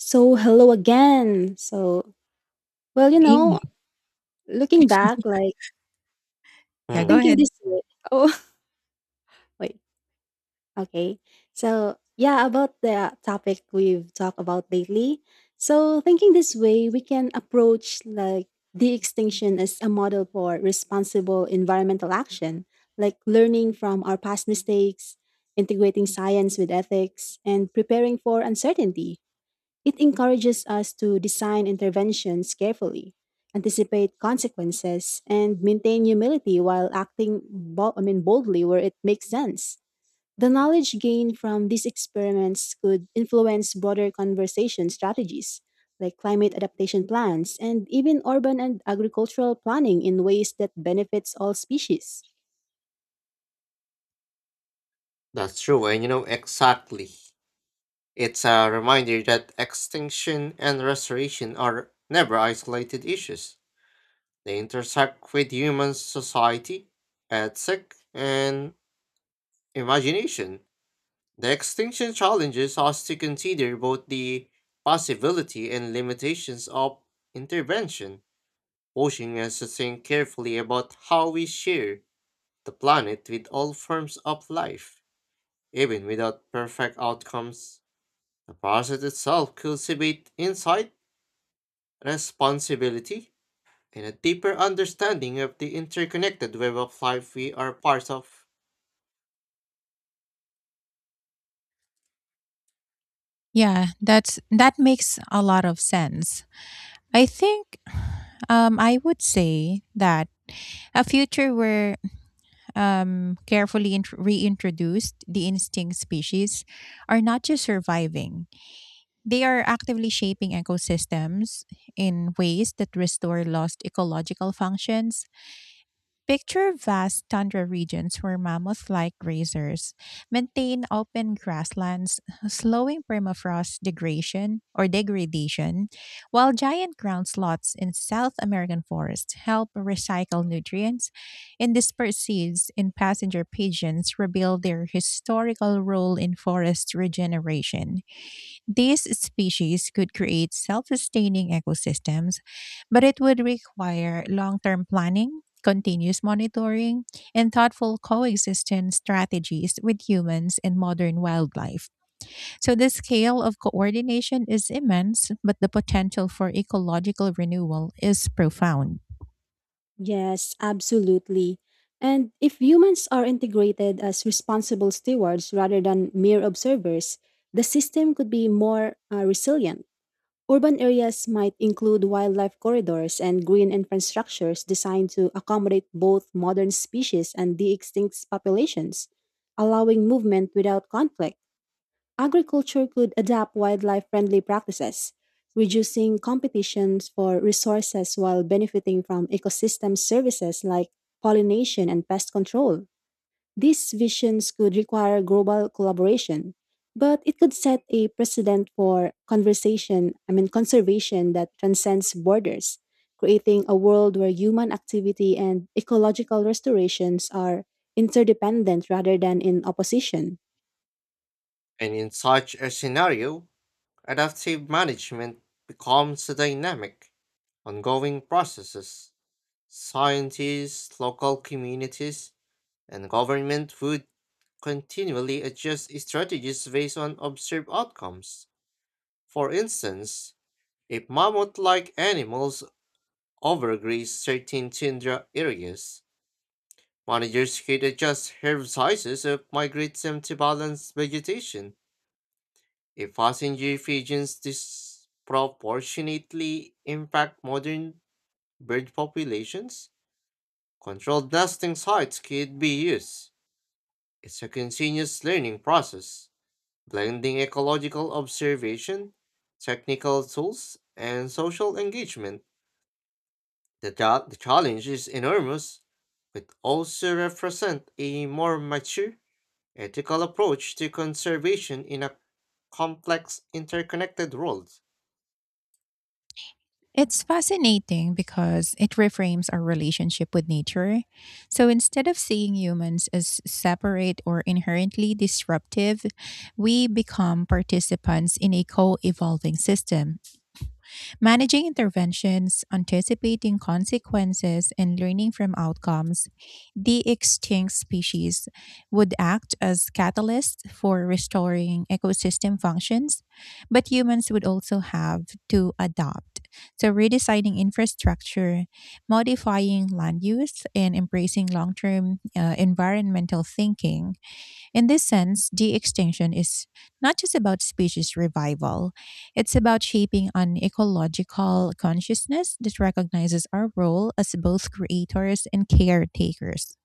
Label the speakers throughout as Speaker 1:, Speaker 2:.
Speaker 1: So, hello again. Well, you know,
Speaker 2: Agree.
Speaker 1: Looking back, like
Speaker 2: Yeah, go
Speaker 3: Hmm,
Speaker 1: thinking
Speaker 2: ahead.
Speaker 1: this year. Oh, wait. Okay. So, yeah, about the topic we've talked about lately. So, thinking this way, we can approach like de extinction as a model for responsible environmental action, like learning from our past mistakes, integrating science with ethics, and preparing for uncertainty. It encourages us to design interventions carefully, anticipate consequences, and maintain humility while acting boldly where it makes sense. The knowledge gained from these experiments could influence broader conversation strategies, like climate adaptation plans and even urban and agricultural planning in ways that benefits all species.
Speaker 3: that's true, and you know exactly. It's a reminder that extinction and restoration are never isolated issues. They intersect with human society, ethic, and imagination. The extinction challenges us to consider both the possibility and limitations of intervention, pushing us to think carefully about how we share the planet with all forms of life, even without perfect outcomes. The process itself cultivates insight, responsibility, and a deeper understanding of the interconnected web of life we are part of.
Speaker 2: Yeah, that makes a lot of sense. I think I would say that a future where carefully reintroduced the instinct species are not just surviving; they are actively shaping ecosystems in ways that restore lost ecological functions. Picture vast tundra regions where mammoth like grazers maintain open grasslands, slowing permafrost degradation, while giant ground sloths in South American forests help recycle nutrients and disperse seeds, and passenger pigeons rebuild their historical role in forest regeneration. These species could create self sustaining ecosystems, but it would require long term planning, continuous monitoring, and thoughtful coexistence strategies with humans and modern wildlife. So, the scale of coordination is immense, but the potential for ecological renewal is profound.
Speaker 1: Yes, absolutely. And if humans are integrated as responsible stewards rather than mere observers, the system could be more resilient. Urban areas might include wildlife corridors and green infrastructures designed to accommodate both modern species and de extinct populations, allowing movement without conflict. Agriculture could adapt wildlife friendly practices, reducing competitions for resources while benefiting from ecosystem services like pollination and pest control. These visions could require global collaboration, but it could set a precedent for conversation, I mean conservation that transcends borders, creating a world where human activity and ecological restorations are interdependent rather than in opposition.
Speaker 3: And in such a scenario, adaptive management becomes a dynamic, ongoing process. Scientists, local communities, and government would continually adjust strategies based on observed outcomes. For instance, if mammoth like animals overgrazed certain tundra areas. Managers could adjust herb sizes or migrate them to balance vegetation. If passenger pigeons disproportionately impact modern bird populations, controlled nesting sites could be used. It's a continuous learning process, blending ecological observation, technical tools, and social engagement. The challenge is enormous, but also represent a more mature, ethical approach to conservation in a complex, interconnected world.
Speaker 2: It's fascinating because it reframes our relationship with nature. So instead of seeing humans as separate or inherently disruptive, we become participants in a co evolving system. Managing interventions, anticipating consequences, and learning from outcomes, the extinct species would act as catalysts for restoring ecosystem functions, but humans would also have to adapt. So, redesigning infrastructure, modifying land use, and embracing long term environmental thinking. In this sense, de extinction is not just about species revival, it's about shaping an ecological consciousness that recognizes our role as both creators and caretakers.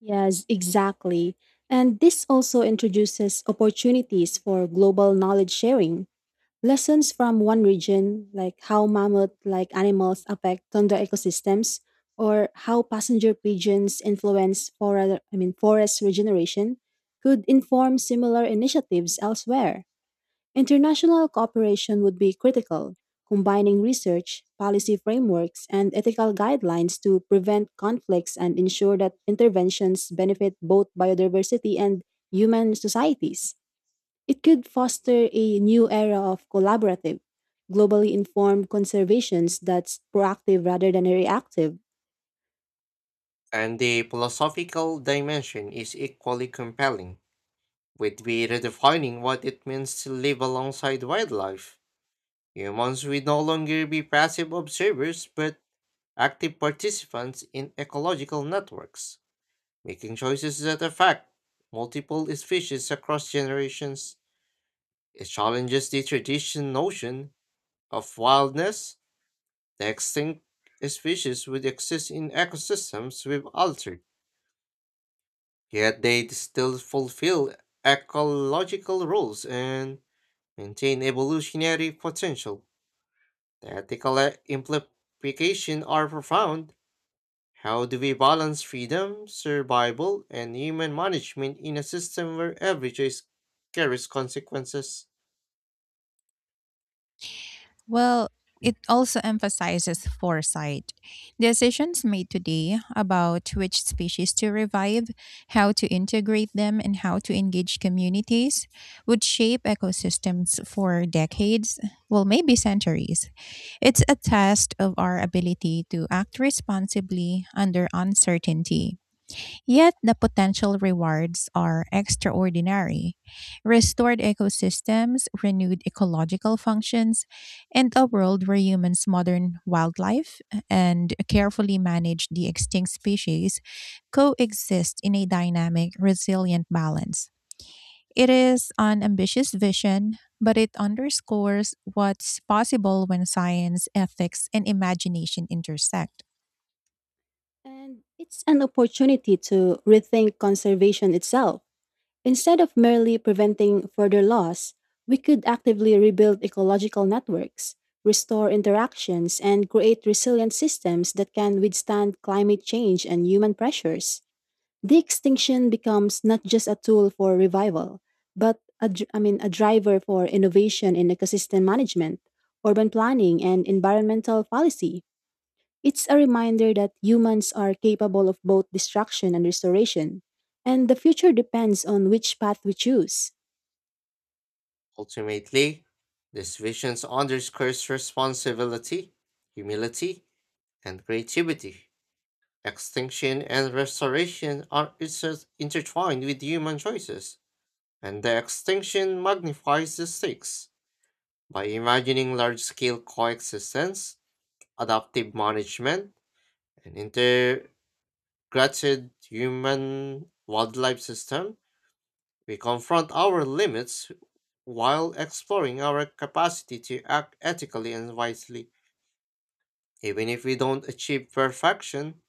Speaker 1: Yes, exactly. And this also introduces opportunities for global knowledge sharing. Lessons from one region, like how mammoth like animals affect tundra ecosystems, or how passenger pigeons influence forest regeneration, could inform similar initiatives elsewhere. International cooperation would be critical, combining research, policy frameworks, and ethical guidelines to prevent conflicts and ensure that interventions benefit both biodiversity and human societies. It could foster a new era of collaborative, globally informed conservations that's proactive rather than reactive.
Speaker 3: And the philosophical dimension is equally compelling, with we redefining what it means to live alongside wildlife. Humans will no longer be passive observers but active participants in ecological networks. Making choices that affect multiple species across generations, it challenges the traditional notion of wildness. The extinct species would exist in ecosystems we've altered, yet they still fulfill ecological roles and maintain evolutionary potential. The ethical implications are profound. How do we balance freedom, survival, and human management in a system where every choice carries consequences?
Speaker 2: Well, it also emphasizes foresight. Decisions made today about which species to revive, how to integrate them, and how to engage communities would shape ecosystems for decades, well, maybe centuries. It's a test of our ability to act responsibly under uncertainty. Yet the potential rewards are extraordinary. Restored ecosystems, renewed ecological functions, and a world where humans, modern wildlife, and carefully manage the extinct species coexist in a dynamic, resilient balance. It is an ambitious vision, but it underscores what's possible when science, ethics, and imagination intersect.
Speaker 1: And it's an opportunity to rethink conservation itself. Instead of merely preventing further loss, we could actively rebuild ecological networks, restore interactions, and create resilient systems that can withstand climate change and human pressures. The extinction becomes not just a tool for revival, but a, dr- I mean, a driver for innovation in ecosystem management, urban planning, and environmental policy. It's a reminder that humans are capable of both destruction and restoration, and the future depends on which path we choose.
Speaker 3: Ultimately, this vision underscores responsibility, humility, and creativity. Extinction and restoration are intertwined with human choices, and the extinction magnifies the stakes. By imagining large-scale coexistence, adaptive management, and inter granted human wildlife system, we confront our limits while exploring our capacity to act ethically and wisely. Even if we don't achieve perfection,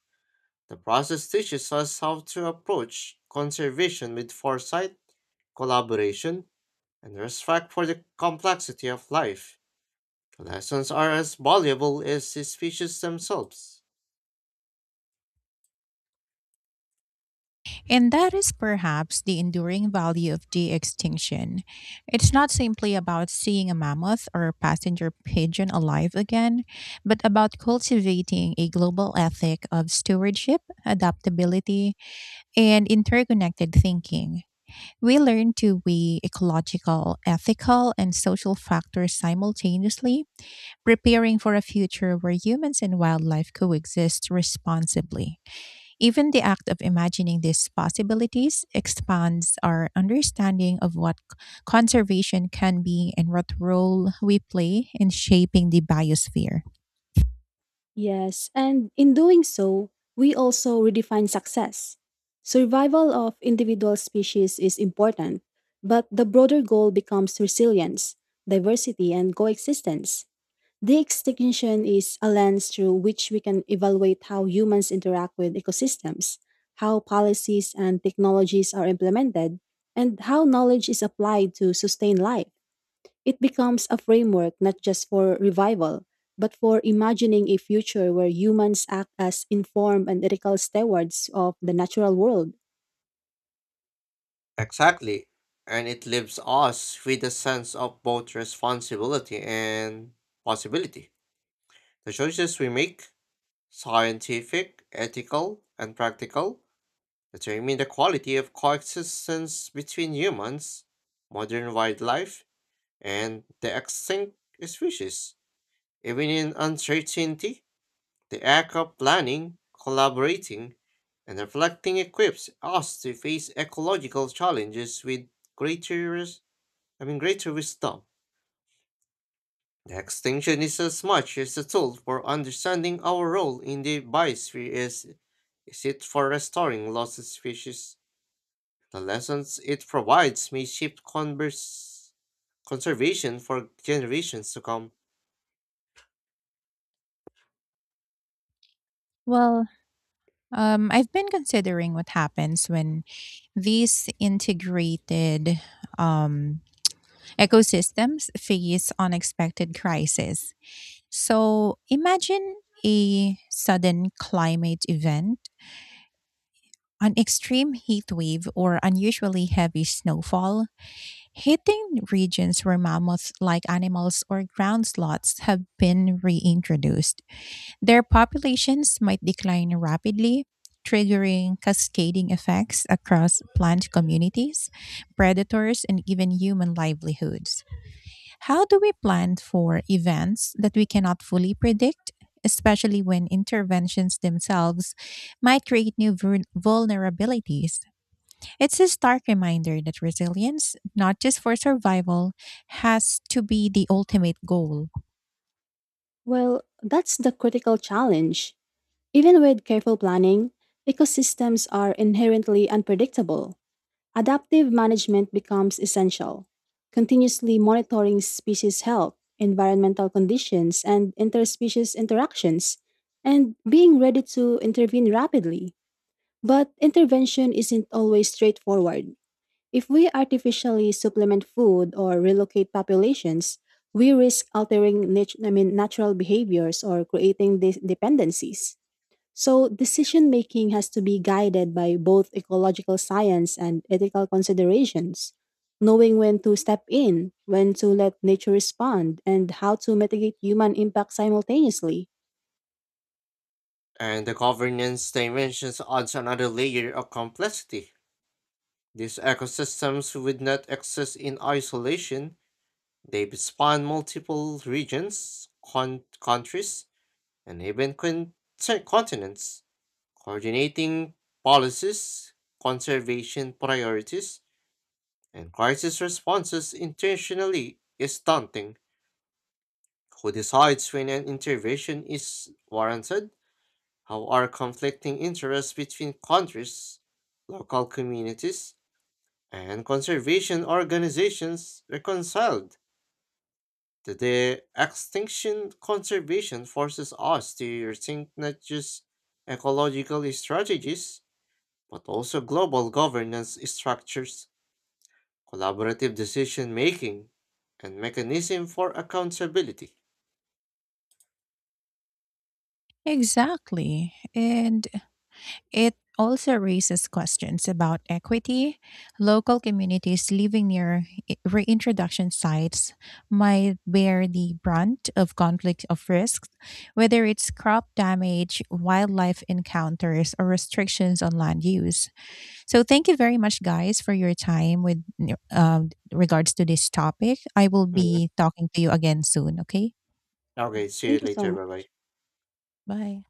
Speaker 3: the process teaches us how to approach conservation with foresight, collaboration, and respect for the complexity of life. The lessons are as valuable as the species themselves.
Speaker 2: And that is perhaps the enduring value of de extinction. It's not simply about seeing a mammoth or a passenger pigeon alive again, but about cultivating a global ethic of stewardship, adaptability, and interconnected thinking. We learn to weigh ecological, ethical, and social factors simultaneously, preparing for a future where humans and wildlife coexist responsibly. Even the act of imagining these possibilities expands our understanding of what conservation can be and what role we play in shaping the biosphere.
Speaker 1: Yes, and in doing so, we also redefine success. Survival of individual species is important, but the broader goal becomes resilience, diversity, and coexistence. The extinction is a lens through which we can evaluate how humans interact with ecosystems, how policies and technologies are implemented, and how knowledge is applied to sustain life. It becomes a framework not just for revival, but for imagining a future where humans act as informed and ethical stewards of the natural world.
Speaker 3: Exactly. And it leaves us with a sense of both responsibility and possibility. The choices we make, scientific, ethical, and practical, determine the quality of coexistence between humans, modern wildlife, and the extinct species. Even in uncertainty, the act of planning, collaborating, and reflecting equips us to face ecological challenges with greater Having greater wisdom, the extinction is as much as a tool for understanding our role in the biosphere as is it for restoring lost species. The lessons it provides may shape converse conservation for generations to come.
Speaker 2: Well, I've been considering what happens when these integrated um, ecosystems face unexpected crises. So imagine a sudden climate event. An extreme heat wave or unusually heavy snowfall, hitting regions where mammoth like animals or ground sloths have been reintroduced. Their populations might decline rapidly, triggering cascading effects across plant communities, predators, and even human livelihoods. How do we plan for events that we cannot fully predict, especially when interventions themselves might create new vulnerabilities? It's a stark reminder that resilience, not just for survival, has to be the ultimate goal.
Speaker 1: Well, that's the critical challenge. Even with careful planning, ecosystems are inherently unpredictable. Adaptive management becomes essential. Continuously monitoring species health, environmental conditions, and interspecies interactions, and being ready to intervene rapidly. But intervention isn't always straightforward. If we artificially supplement food or relocate populations, we risk altering natural behaviors or creating dependencies. So, decision making has to be guided by both ecological science and ethical considerations, knowing when to step in, when to let nature respond, and how to mitigate human impact simultaneously.
Speaker 3: And the governance dimensions adds another layer of complexity. These ecosystems would not exist in isolation. They span multiple regions, countries, and even continents, coordinating policies, conservation priorities, and crisis responses intentionally is daunting. Who decides when an intervention is warranted? How are conflicting interests between countries, local communities, and conservation organizations reconciled? The extinction conservation forces us to rethink not just ecological strategies, but also global governance structures, collaborative decision making, and mechanism for accountability.
Speaker 2: Exactly. And it also raises questions about equity. Local communities living near reintroduction sites might bear the brunt of conflict of risks, whether it's crop damage, wildlife encounters, or restrictions on land use. So, thank you very much, guys, for your time with regards to this topic. I will
Speaker 3: Mhm.
Speaker 2: be talking to you again soon. Okay,
Speaker 3: Okay,
Speaker 1: Yes,
Speaker 3: see you
Speaker 1: thank you so
Speaker 3: later. Bye bye.
Speaker 1: much.
Speaker 2: bye.